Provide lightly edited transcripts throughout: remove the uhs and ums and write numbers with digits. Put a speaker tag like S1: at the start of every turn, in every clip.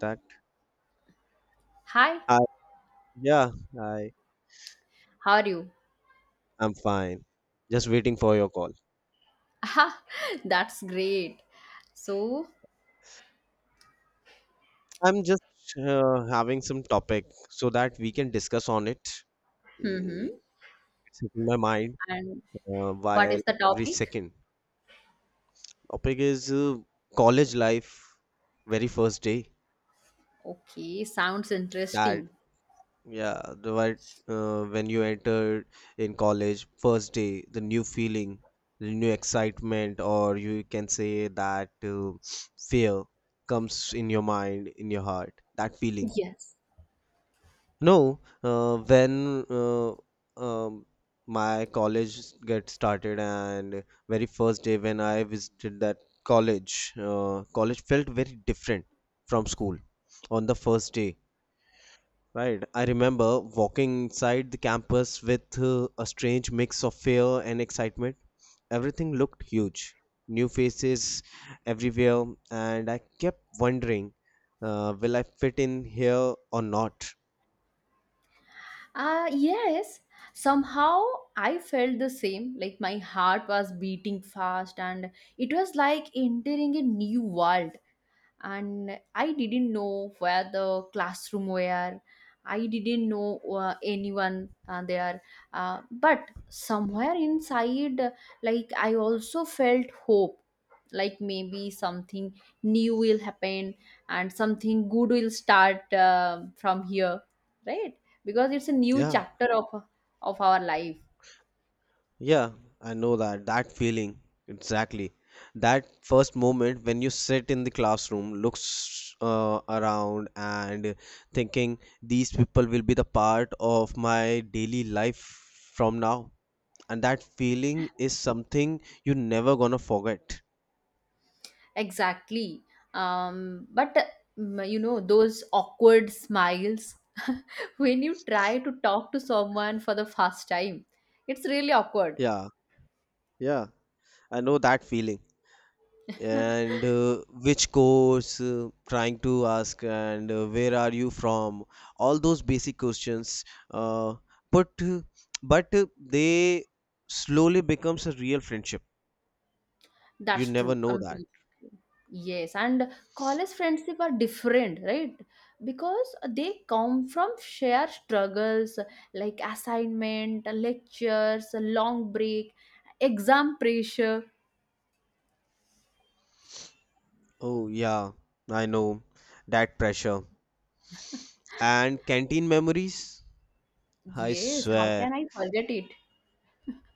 S1: Fact.
S2: Hi,
S1: I yeah, I
S2: how are you?
S1: I'm fine. Just waiting for your call.
S2: Ah, that's great. So,
S1: I'm just having some topic so that we can discuss on it. Mm,
S2: hmm,
S1: it's in my mind
S2: and what
S1: while
S2: is the
S1: every
S2: topic?
S1: second. Topic is college life, very first day.
S2: Okay, sounds
S1: That
S2: interesting.
S1: Yeah, the right When you entered in college, first day, the new feeling, the new excitement, or you can say that fear comes in your mind, in your heart. That feeling.
S2: Yes.
S1: No, when um, my college get started, and very first day when I visited that college, college felt very different from school on the first day. Right. I remember walking inside the campus with a strange mix of fear and excitement. Everything looked huge, new faces everywhere, and I kept wondering, will I fit in here or not?
S2: Yes, somehow I felt the same. Like my heart was beating fast, and it was like entering a new world. And I didn't know where the classroom were. I didn't know anyone there. But somewhere inside, like I also felt hope, like maybe something new will happen and something good will start from here, right? Because it's a new
S1: Yeah,
S2: chapter of our life.
S1: yeah, I know that. That feeling, exactly. That first moment when you sit in the classroom, looks around, and thinking, these people will be the part of my daily life from now, and that feeling is something you're never gonna forget.
S2: Exactly. But you know, those awkward smiles when you try to talk to someone for the first time, it's really awkward.
S1: Yeah, yeah, I know that feeling. And which course, trying to ask, and where are you from? All those basic questions. Uh, but uh, but they slowly becomes a real friendship. You
S2: That's
S1: never
S2: true,
S1: know that.
S2: completely. Yes, and college friendship are different, right? Because they come from shared struggles, like assignment, lectures, long break, exam pressure.
S1: Oh yeah, I know that pressure and canteen memories. I
S2: Yes, how
S1: swear.
S2: can I forget it?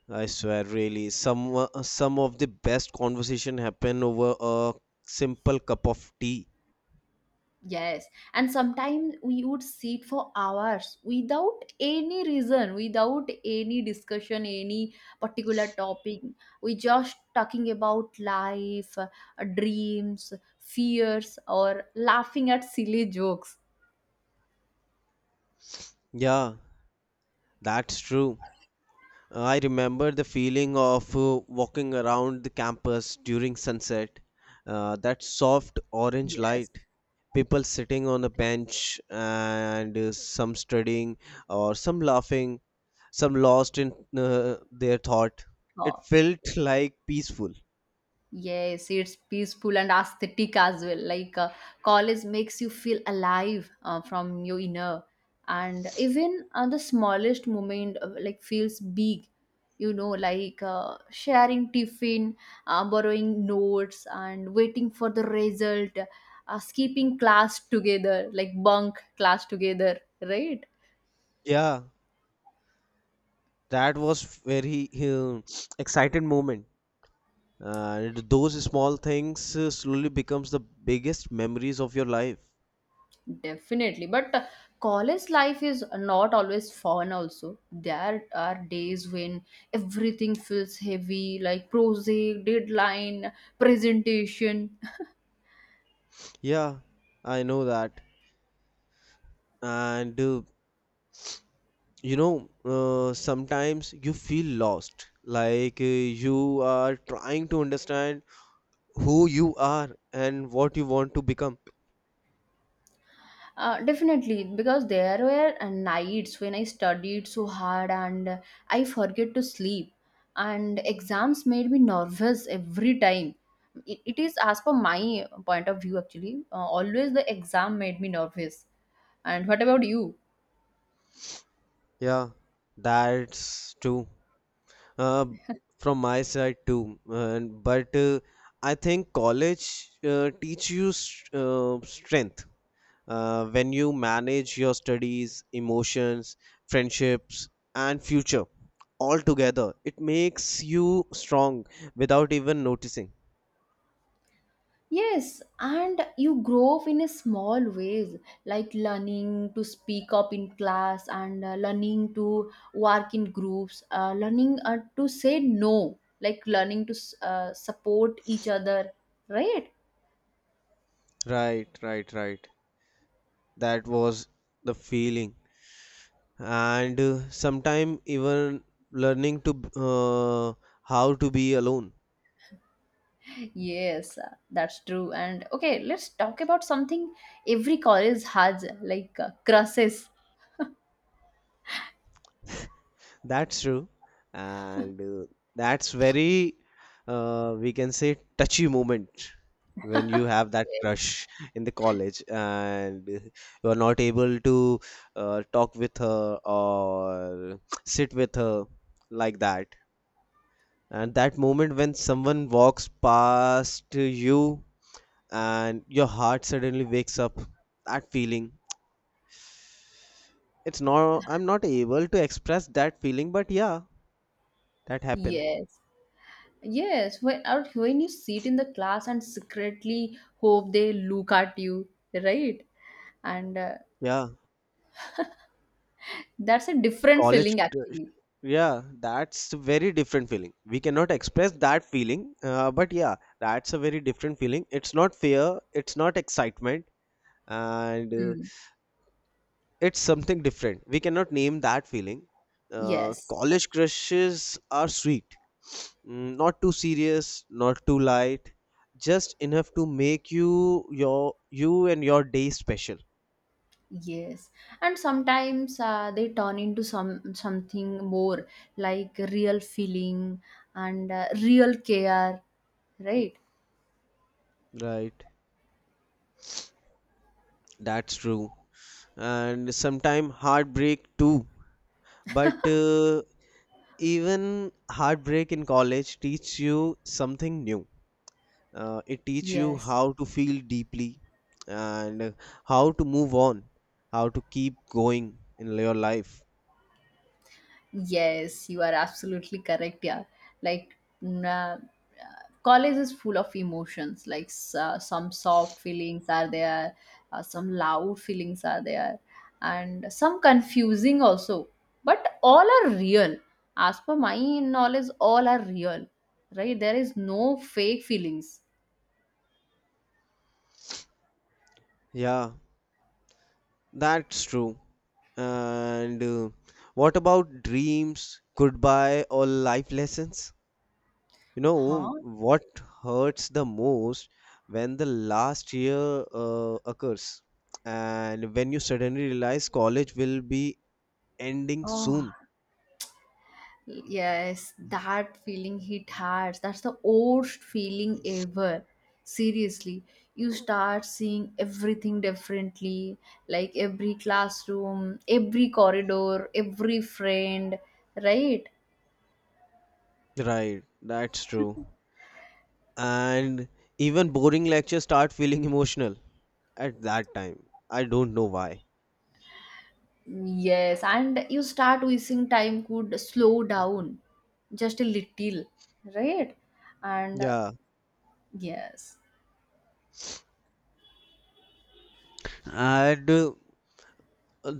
S1: I swear, really, some of the best conversation happen over a simple cup of tea.
S2: Yes, and sometimes we would sit for hours without any reason, without any discussion, any particular topic. We just talking about life, dreams, fears, or laughing at silly jokes.
S1: Yeah, that's true. I remember the feeling of walking around the campus during sunset. That soft orange light,
S2: Yes,
S1: people sitting on a bench and some studying or some laughing, some lost in their thought. It
S2: sure.
S1: felt like peaceful.
S2: Yes, it's peaceful and aesthetic as well. Like college makes you feel alive from your inner, and even the smallest moment like feels big. You know, like sharing tiffin, borrowing notes, and waiting for the result, skipping class together, like bunk class together, right?
S1: Yeah, that was very uh, excited moment. And those small things slowly becomes the biggest memories of your life.
S2: Definitely. But college life is not always fun, also. There are days when everything feels heavy, like project, deadline, presentation.
S1: Yeah, I know that. And you know, sometimes you feel lost, like you are trying to understand who you are and what you want to become.
S2: Definitely, because there were nights when I studied so hard and I forget to sleep, and exams made me nervous every time. It is, as per my point of view, actually, always the exam made me nervous. And what about you?
S1: Yeah, that's true. Uh, from my side too, and but I think college teach you strength when you manage your studies, emotions, friendships, and future all together. It makes you strong without even noticing.
S2: Yes, and you grow up in a small ways, like learning to speak up in class and learning to work in groups, learning to say no, like learning to support each other, right?
S1: Right, right, right. That was the feeling, and sometime even learning how to be alone.
S2: Yes, that's true. And okay, let's talk about something every college has, like crushes.
S1: That's true, and that's very we can say touchy moment when you have that crush in the college and you are not able to talk with her or sit with her like that. And that moment when someone walks past you and your heart suddenly wakes up, that feeling. It's not, I'm not able to express that feeling, but yeah, that happened.
S2: Yes. Yes, when you sit in the class and secretly hope they look at you, right? And
S1: Yeah.
S2: that's a different
S1: College
S2: feeling
S1: crush.
S2: actually.
S1: Yeah, that's a very different feeling, we cannot express that feeling, but yeah, that's a very different feeling. It's not fear, it's not excitement, and
S2: Hmm.
S1: it's something different, we cannot name that feeling.
S2: Yes,
S1: College crushes are sweet. Not too serious, not too light, just enough to make you your you and your day special.
S2: yes. And sometimes they turn into something more, like real feeling and real care, right?
S1: Right, that's true. And sometime heartbreak too, but even heartbreak in college teach you something new. It teach you
S2: Yes,
S1: how to feel deeply, and how to move on, how to keep going in your life.
S2: yes, you are absolutely correct. Yeah, like mm, uh, college is full of emotions, like some soft feelings are there, some loud feelings are there, and some confusing also, but all are real. As per my knowledge, all are real, right? There is no fake feelings.
S1: Yeah, that's true. And what about dreams, goodbye, or life lessons? You know
S2: Huh.
S1: what hurts the most? When the last year occurs, and when you suddenly realize college will be ending
S2: Oh,
S1: soon.
S2: yes, that feeling hit hard. That's the worst feeling ever. Seriously, you start seeing everything differently, like every classroom, every corridor, every friend, right?
S1: Right, that's true. And even boring lectures start feeling emotional at that time. I don't know why.
S2: Yes, and you start wishing time could slow down just a little, right? And
S1: Yeah.
S2: yes.
S1: And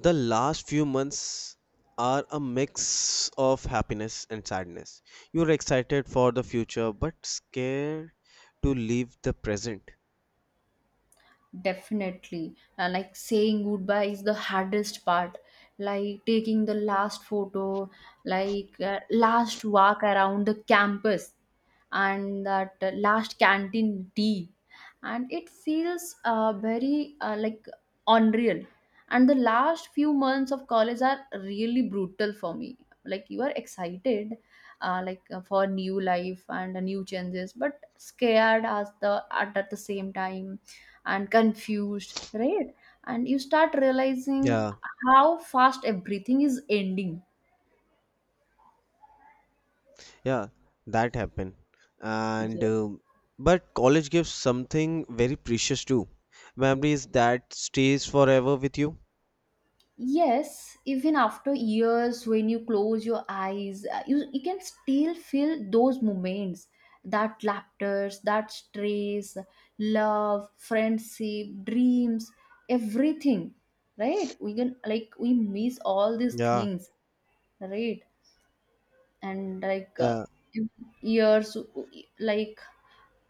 S1: the last few months are a mix of happiness and sadness. You're excited for the future but scared to leave the present.
S2: Definitely. Like, saying goodbye is the hardest part. Like taking the last photo, like last walk around the campus, and that last canteen tea. And it feels very like unreal. And the last few months of college are really brutal for me. Like, you are excited, for new life and new changes, but scared as at the same time, and confused, right? And you start realizing
S1: Yeah.
S2: how fast everything is ending.
S1: Yeah, that happened. And
S2: Yeah.
S1: um but college gives something very precious too. Memories that stays forever with you.
S2: Yes, even after years, when you close your eyes, you can still feel those moments, that laughter, that stress, love, friendship, dreams, everything, right? We can, like, we miss all these
S1: Yeah,
S2: things, right? And like, uh,
S1: yeah,
S2: years, like,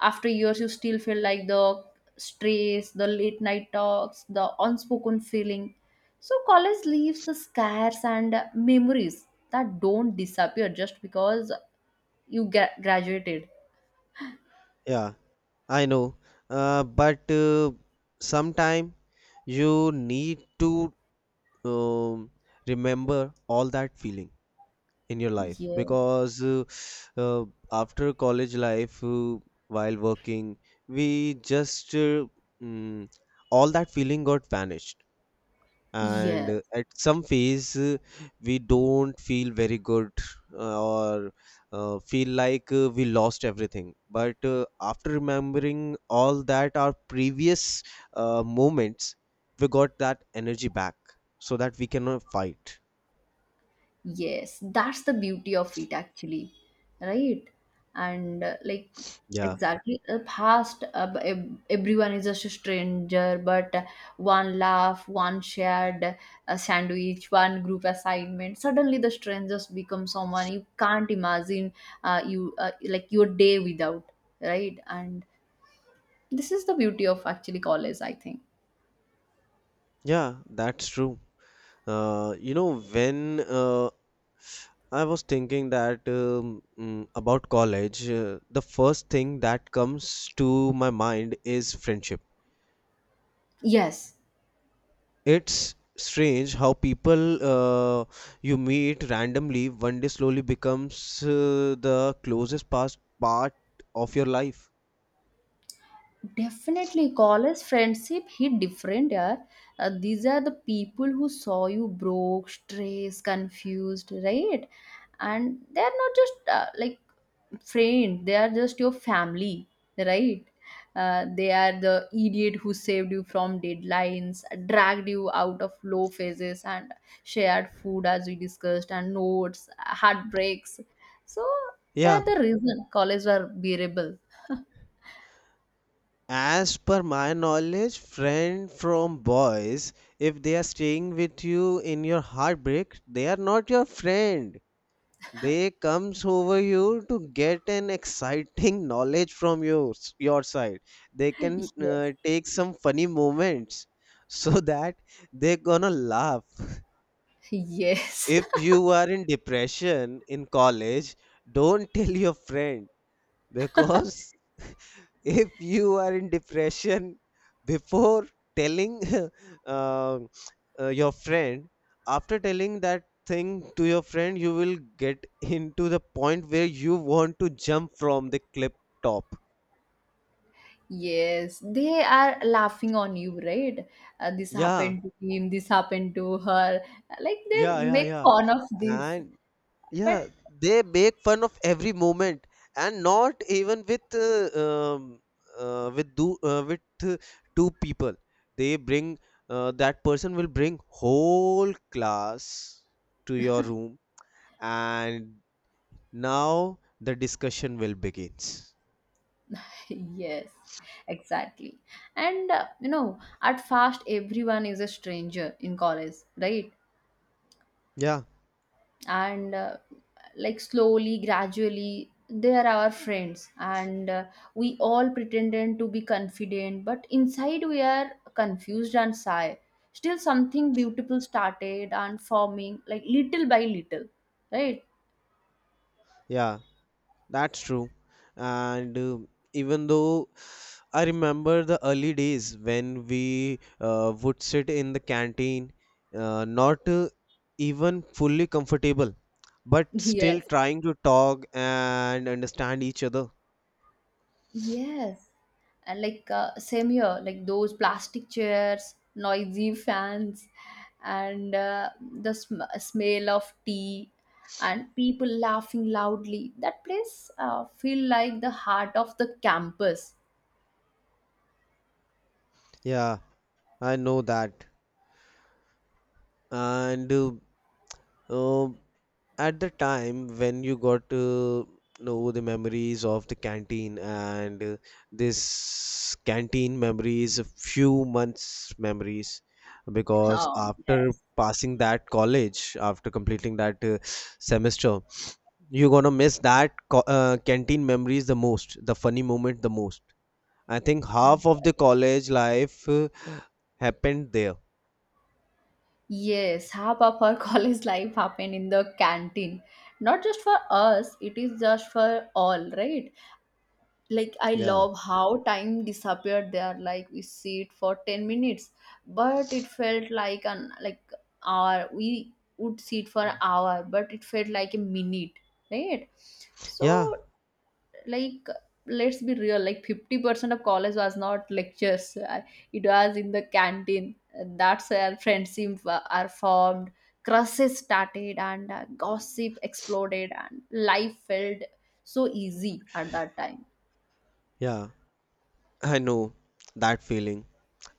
S2: after years you still feel like the stress, the late night talks, the unspoken feeling. So college leaves the scars and memories that don't disappear just because you get graduated.
S1: yeah. I know. But sometime you need to um, remember all that feeling in your life
S2: Yeah,
S1: because uh, after college life, while working, we just mm, all that feeling got vanished, and
S2: yeah.
S1: at some phase, we don't feel very good, or feel like we lost everything, but after remembering all that our previous moments, we got that energy back so that we can fight.
S2: Yes, that's the beauty of it actually, right? And like
S1: Yeah,
S2: exactly past b- ev- Everyone is just a stranger, but one laugh, one shared sandwich, one group assignment. Suddenly the strangers become someone you can't imagine you like your day without, right? And this is the beauty of actually college, I think.
S1: yeah, that's true. Uh, you know when uh, I was thinking that about college, the first thing that comes to my mind is friendship.
S2: Yes.
S1: It's strange how people you meet randomly one day slowly becomes the closest past part of your life.
S2: Definitely, college friendship hit different, yeah. These are the people who saw you broke, stressed, confused, right? And they are not just like friend; they are just your family, right? They are the idiot who saved you from deadlines, dragged you out of low phases, and shared food as we discussed, and notes, heartbreaks. So they
S1: Yeah,
S2: are the reason college were bearable.
S1: as per my knowledge, friend from boys, if they are staying with you in your heartbreak, they are not your friend. They comes over you to get an exciting knowledge from your side. They can
S2: Yes,
S1: take some funny moments so that they're gonna laugh.
S2: yes.
S1: If you are in depression in college, don't tell your friend, because if you are in depression before telling um your friend, after telling that thing to your friend you will get into the point where you want to jump from the cliff top.
S2: Yes, they are laughing on you, right? This
S1: Yeah,
S2: happened to him, this happened to her. Like they
S1: yeah, yeah,
S2: make
S1: yeah.
S2: fun of this.
S1: And yeah,
S2: But
S1: they make fun of every moment, and not even um, with do with two people. They bring that person will bring whole class to your room, and now the discussion will begins.
S2: yes, exactly. And you know, at first everyone is a stranger in college, right?
S1: Yeah,
S2: And like slowly gradually they are our friends, and we all pretended to be confident but inside we are confused and shy. Still something beautiful started and forming, like little by little, right?
S1: yeah, that's true. And even though I remember the early days when we would sit in the canteen, not even fully comfortable, but still
S2: Yes.
S1: trying to talk and understand each other.
S2: Yes, and like same here, like those plastic chairs, noisy fans, and the smell of tea, and people laughing loudly. That place feel like the heart of the campus.
S1: Yeah, I know that. And uh, at the time when you got to know the memories of the canteen, and this canteen memories a few months memories, because
S2: Oh
S1: after
S2: yes.
S1: passing that college, after completing that semester, you're gonna miss that canteen memories the most, the funny moment the most. I think half of the college life happened there.
S2: Yes, half of our college life happened in the canteen. Not just for us, it is just for all, right? Like, I
S1: yeah
S2: love how time disappeared there. Like, we see it for 10 minutes but it felt like an like hour. We would see it for an hour but it felt like a minute, right? So,
S1: yeah
S2: like, let's be real, like 50% of college was not lectures. It was in the canteen. And that's where friendships are formed, crushes started, and gossip exploded, and life felt so easy at that time.
S1: yeah I know that feeling.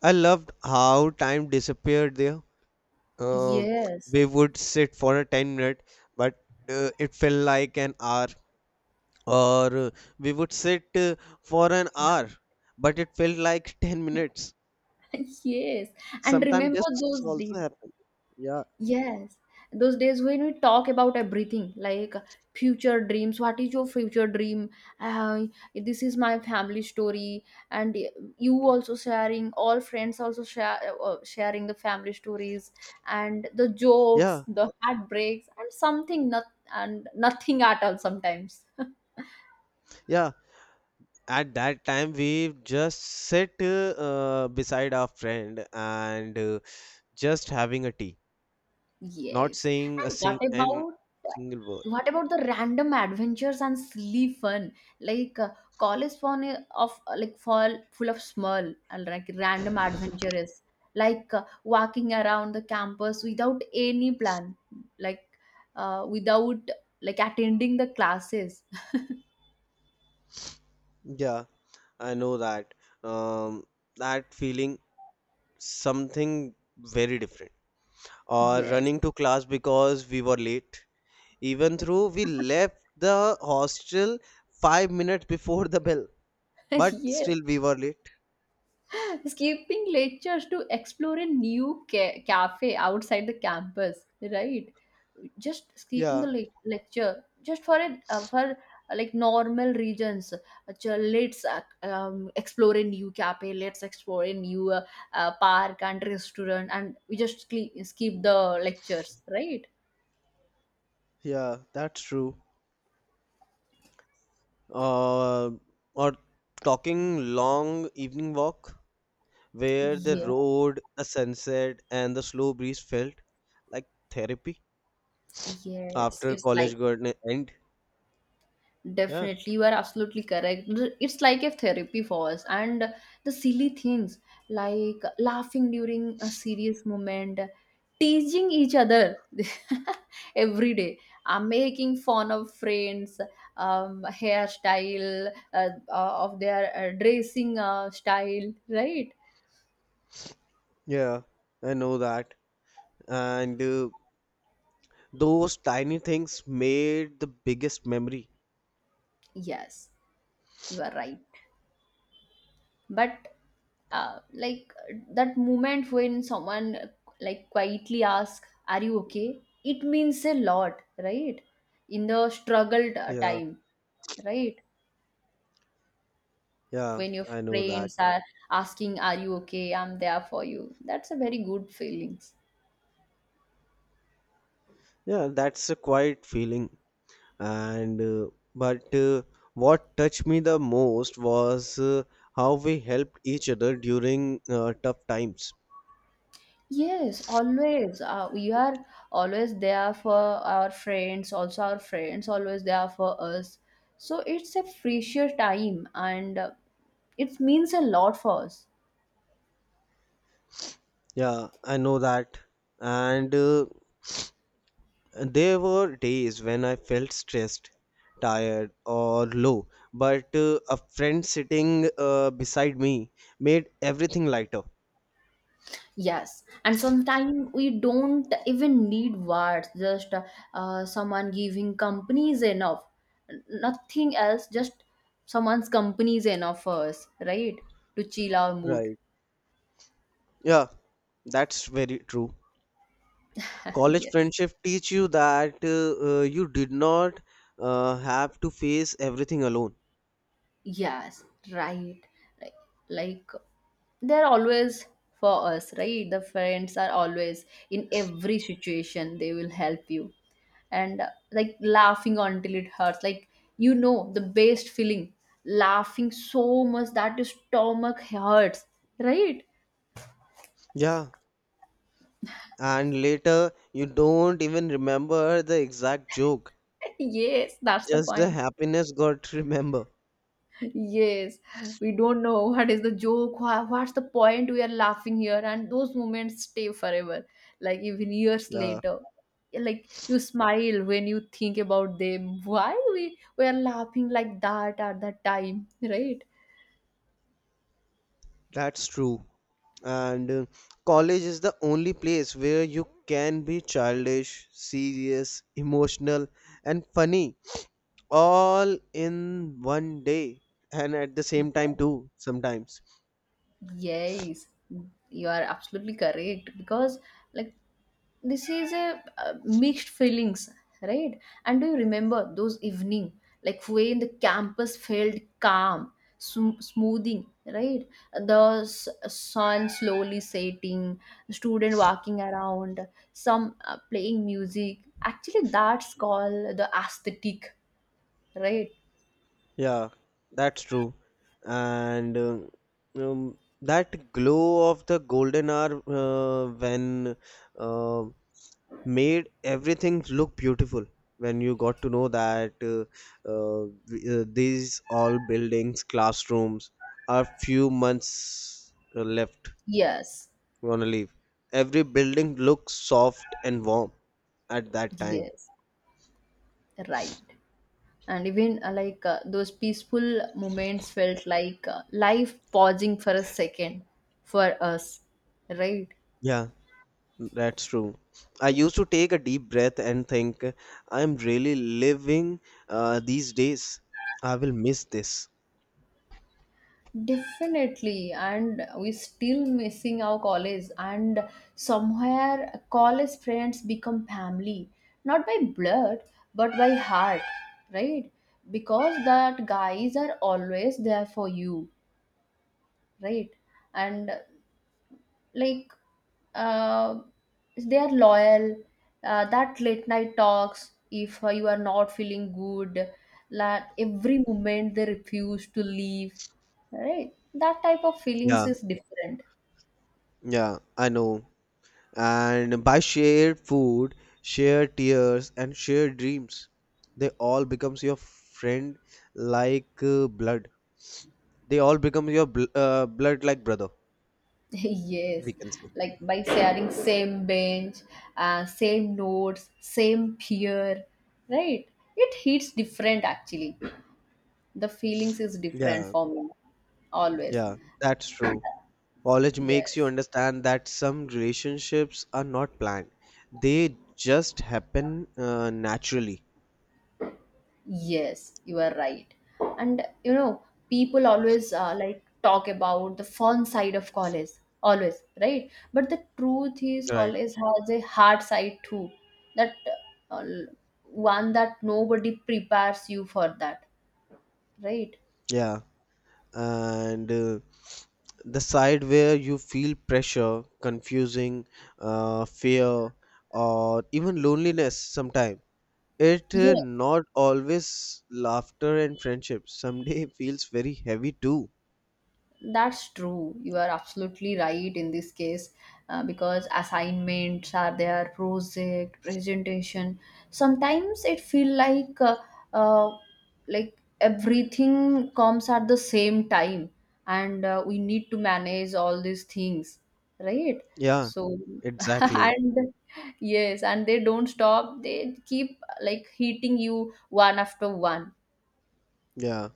S1: I loved how time disappeared there. Um,
S2: Yes,
S1: we would sit for a 10 minute, but it felt like an hour. Or we would sit for an hour, but it felt like 10 minutes.
S2: yes. And
S1: Sometimes
S2: remember
S1: this
S2: those
S1: also
S2: days.
S1: happen. Yeah,
S2: Yes, those days when we talk about everything, like future dreams. What is your future dream? Uh, this is my family story, and you also sharing. All friends also share sharing the family stories and the jokes,
S1: yeah,
S2: the heartbreaks, and something not and nothing at all sometimes.
S1: yeah. At that time, we just sit beside our friend and just having a tea, not
S2: Yes.
S1: saying a
S2: And what
S1: sing- an
S2: about
S1: single word.
S2: what about the random adventures and silly fun? Like college fun of like fall full of small and like random adventures, like walking around the campus without any plan, like without attending the classes.
S1: Yeah. I know that um, that feeling, something very different. Or
S2: Yes.
S1: running to class because we were late, even though we left the hostel 5 minutes before the bell, but
S2: Yes.
S1: still we were late.
S2: Skipping lectures to explore a new cafe outside the campus, right? Just skipping the
S1: Yeah,
S2: lecture just for it for like normal regions. Let's explore a new cafe, let's explore a new park and restaurant, and we just skip the lectures, right?
S1: yeah, that's true. Uh, or talking long evening walk where the
S2: Yes,
S1: road, the sunset, and the slow breeze felt like therapy
S2: yes,
S1: after
S2: it's like
S1: college garden end. Yeah.
S2: definitely, you are absolutely correct. It's like a therapy for us, and the silly things like laughing during a serious moment, teasing each other every day, making fun of friends, hairstyle, of their dressing style, right?
S1: Yeah, I know that. And those tiny things made the biggest memory.
S2: Yes, you are right. But like that moment when someone like quietly asks are you okay, it means a lot, right? In the struggled
S1: Yeah,
S2: time, right?
S1: yeah,
S2: When your
S1: I know that.
S2: friends are asking are you okay, I'm there for you, that's a very good feelings.
S1: Yeah, that's a quiet feeling. And but what touched me the most was how we helped each other during tough times.
S2: Yes, always we are always there for our friends, also our friends always there for us. So it's a precious time, and it means a lot for us.
S1: Yeah, I know that. And there were days when I felt stressed, tired, or low, but a friend sitting beside me made everything lighter.
S2: Yes, and sometimes we don't even need words, just someone giving company is enough. Nothing else, just someone's company is enough for us, right? To chill our mood.
S1: Right. Yeah, that's very true. College
S2: Yes.
S1: friendship teach you that you did not have to face everything alone.
S2: Yes, right. Like, like they're always for us, right? The friends are always in every situation, they will help you. And like laughing until it hurts, like you know the best feeling, laughing so much that your stomach hurts, right?
S1: Yeah. And later, you don't even remember the exact joke.
S2: Yes, that's the
S1: Just the
S2: point.
S1: happiness got to remember.
S2: Yes, we don't know what is the joke, what's the point we are laughing here, and those moments stay forever, like even years
S1: Yeah.
S2: later. Yeah, like you smile when you think about them. Why we are laughing like that at that time, right?
S1: That's true. And college is the only place where you can be childish, serious, emotional, and funny all in one day, and at the same time
S2: Yeah.
S1: too sometimes.
S2: Yes, you are absolutely correct because like this is a mixed feelings, right? And do you remember those evening, like when the campus felt calm, smoothing, right? The sun slowly setting, student walking around, some playing music. Actually that's called the aesthetic, right?
S1: Yeah, that's true. And that glow of the golden hour when uh, made everything look beautiful. When you got to know that these all buildings, classrooms are few months left.
S2: Yes,
S1: Want to leave. Every building looks soft and warm at that time.
S2: yes, right. And even like those peaceful moments felt like life pausing for a second for us, right?
S1: Yeah, that's true. I used to take a deep breath and think, I'm really living these days. I will miss this.
S2: Definitely, and we still missing our college, and somewhere college friends become family, not by blood but by heart, right? Because that guys are always there for you, right? And like uh, they are loyal. Uh, that late night talks if you are not feeling good, that every moment they refuse to leave, right? That type of feelings
S1: Yeah,
S2: is different.
S1: yeah, I know. And by shared food, shared tears, and shared dreams, they all becomes your friend like blood. They all become your blood like brother,
S2: Yes,
S1: we can say.
S2: like by sharing same bench, same notes, same peer, right? It hits different actually. The feelings is different
S1: Yeah,
S2: for me always.
S1: yeah, that's true. College makes you
S2: Yes,
S1: understand that some relationships are not planned. They just happen naturally.
S2: yes, you are right. And you know, people always like talk about the fun side of college, always, right? But the truth is,
S1: Right.
S2: college has a hard side too. That uh, one that nobody prepares you for that, right?
S1: Yeah. And the side where you feel pressure, confusing, fear, or even loneliness sometimes. It
S2: Yes.
S1: not always laughter and friendship. Someday feels very heavy too.
S2: That's true. You are absolutely right in this case because assignments are there, project, presentation. Sometimes it feel uh, like everything comes at the same time, and we need to manage all these things, right?
S1: Yeah,
S2: So
S1: exactly.
S2: and yes, and they don't stop. They keep like hitting you one after one.
S1: Yeah.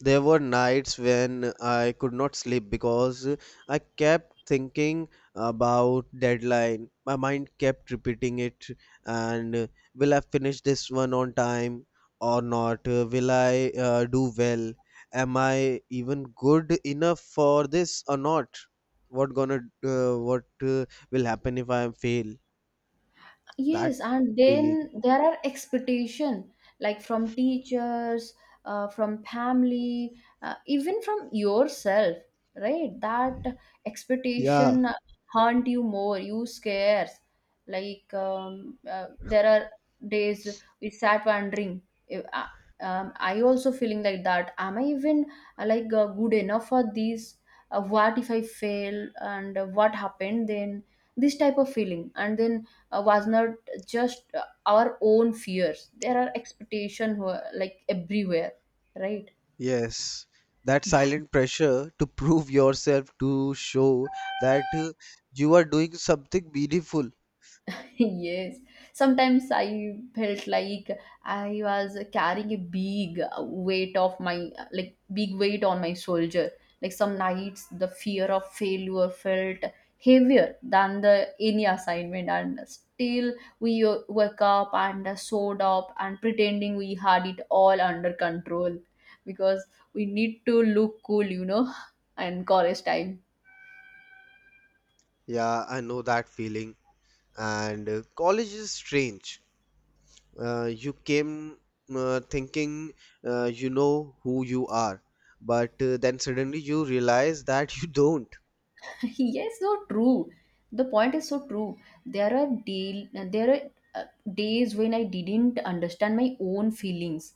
S1: There were nights when I could not sleep because I kept thinking about deadline. My mind kept repeating it, and will I finish this one on time or not? Will I do well? Am I even good enough for this or not? What will happen if I fail? That
S2: Yes, and then
S1: feeling.
S2: there are expectation, like from teachers, from family, even from yourself, right? That
S1: Yeah.
S2: expectation haunt you more. You scares. Like there are days we sat wondering. If, I also feeling like that. Am I even like good enough for this? What if I fail? And what happened then? This type of feeling, and then was not just our own fears, there are expectations like everywhere, right?
S1: Yes, that silent pressure to prove yourself, to show that you are doing something meaningful.
S2: Yes, sometimes I felt like I was carrying a big weight of my, like big weight on my shoulder. Like some nights the fear of failure felt heavier than the any assignment, and still we woke up and showed up and pretending we had it all under control, because we need to look cool, and college time.
S1: Yeah, I know that feeling. And college is strange. You came thinking you know who you are, but then suddenly you realize that you don't.
S2: Yes, so true, the point is so true. There are deal there are uh, days when I didn't understand my own feelings.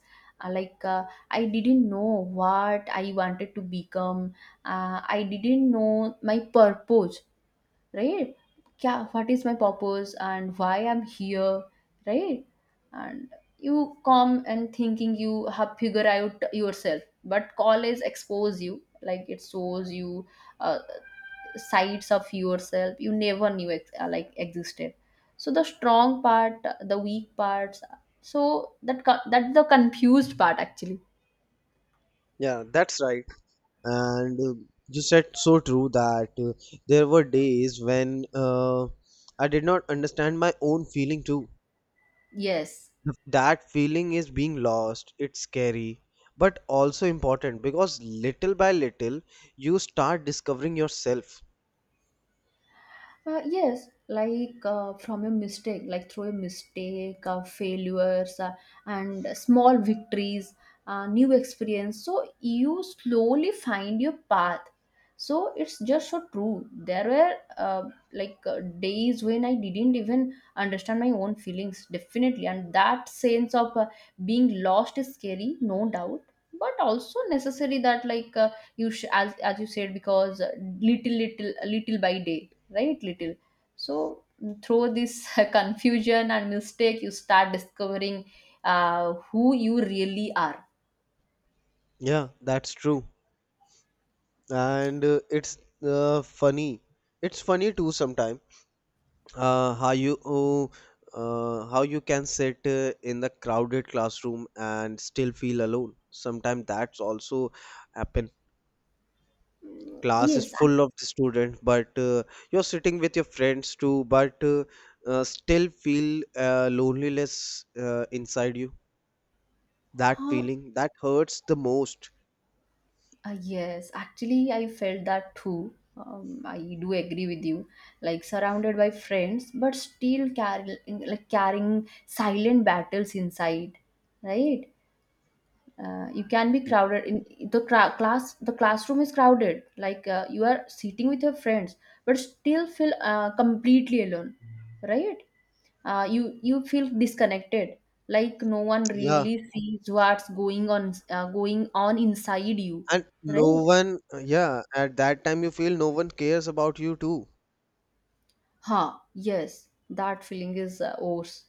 S2: Like I didn't know what I wanted to become. Uh, I didn't know my purpose, right? Kya, what is my purpose and why I'm here, right? And you come and thinking you have figure out yourself, but college expose you. Like it shows you sides of yourself you never knew like existed. So the strong part, the weak parts, so that that's the confused part actually.
S1: Yeah, that's right. And you said so true that there were days when I did not understand my own feeling too.
S2: Yes.
S1: The, that feeling is being lost, it's scary, but also important, because little by little you start discovering yourself.
S2: Yes, like through a mistake, failures, and small victories, new experience. So you slowly find your path. So it's just so true. There were like days when I didn't even understand my own feelings, definitely. And that sense of being lost is scary, no doubt. But also necessary that like as you said, because little little little by day, right, little, so through this confusion and mistake you start discovering who you really are.
S1: Yeah, that's true. And it's funny, it's funny too sometimes, uh, how you uh, how you can sit in the crowded classroom and still feel alone sometimes, that's also happen. Class is
S2: Yes,
S1: full of the students, but you're sitting with your friends too, but still feel loneliness inside you. That
S2: huh,
S1: feeling that hurts the most.
S2: yes, actually I felt that too, I do agree with you. Like surrounded by friends but still carrying, like carrying silent battles inside, right? Uh, you can be crowded in the class, the classroom is crowded, like you are sitting with your friends, but still feel completely alone, right? Uh, you feel disconnected, like no one
S1: Yeah.
S2: really sees what's going on, inside you,
S1: And no
S2: right?
S1: one, yeah, at that time you feel no one cares about you too.
S2: Huh, yes, that feeling is worse.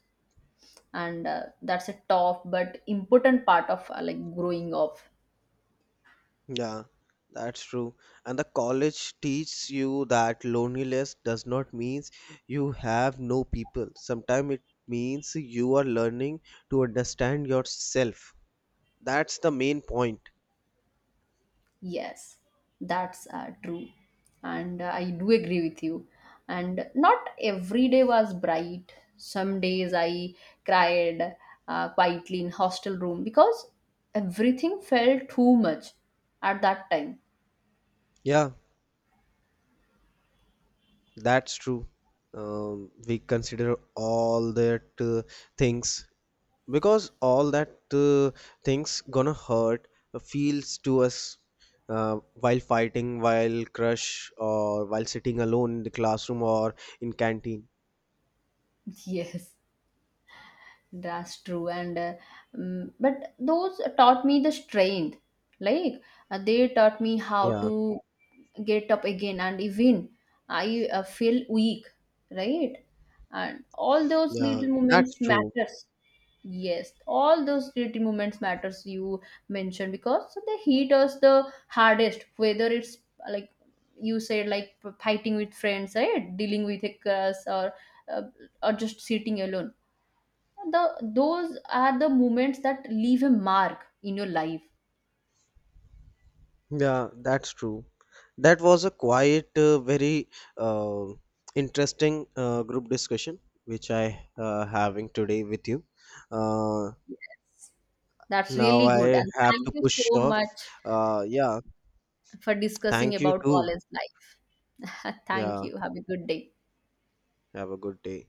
S2: And that's a tough but important part of like growing up.
S1: Yeah, that's true. And the college teaches you that loneliness does not means you have no people. Sometimes it means you are learning to understand yourself. That's the main point.
S2: Yes, that's true. And I do agree with you. And not every day was bright. Some days I cried quietly in hostel room because everything felt too much at that time.
S1: Yeah, that's true. We consider all that things, because all that things gonna hurt feels to us while fighting, while crush, or while sitting alone in the classroom or in canteen.
S2: Yes. That's true, and but those taught me the strength. Like they taught me how
S1: Yeah,
S2: to get up again, and even I feel weak, right? And all those
S1: yeah,
S2: little
S1: that's
S2: moments
S1: true.
S2: matters. Yes, all those little moments matters you mentioned, because they hit us the hardest. Whether it's like you said, like fighting with friends, right? Dealing with a curse uh, or just sitting alone, the those are the moments that leave a mark in your life.
S1: Yeah, that's true. That was a quiet, very uh, interesting group discussion which I having today with you. Uh,
S2: That's
S1: Now
S2: really good,
S1: I
S2: and
S1: have to
S2: thank you
S1: push
S2: so
S1: off.
S2: much
S1: Yeah,
S2: for discussing
S1: thank you
S2: about
S1: too.
S2: college life. Thank
S1: Yeah,
S2: you, have a good day.
S1: have a good day.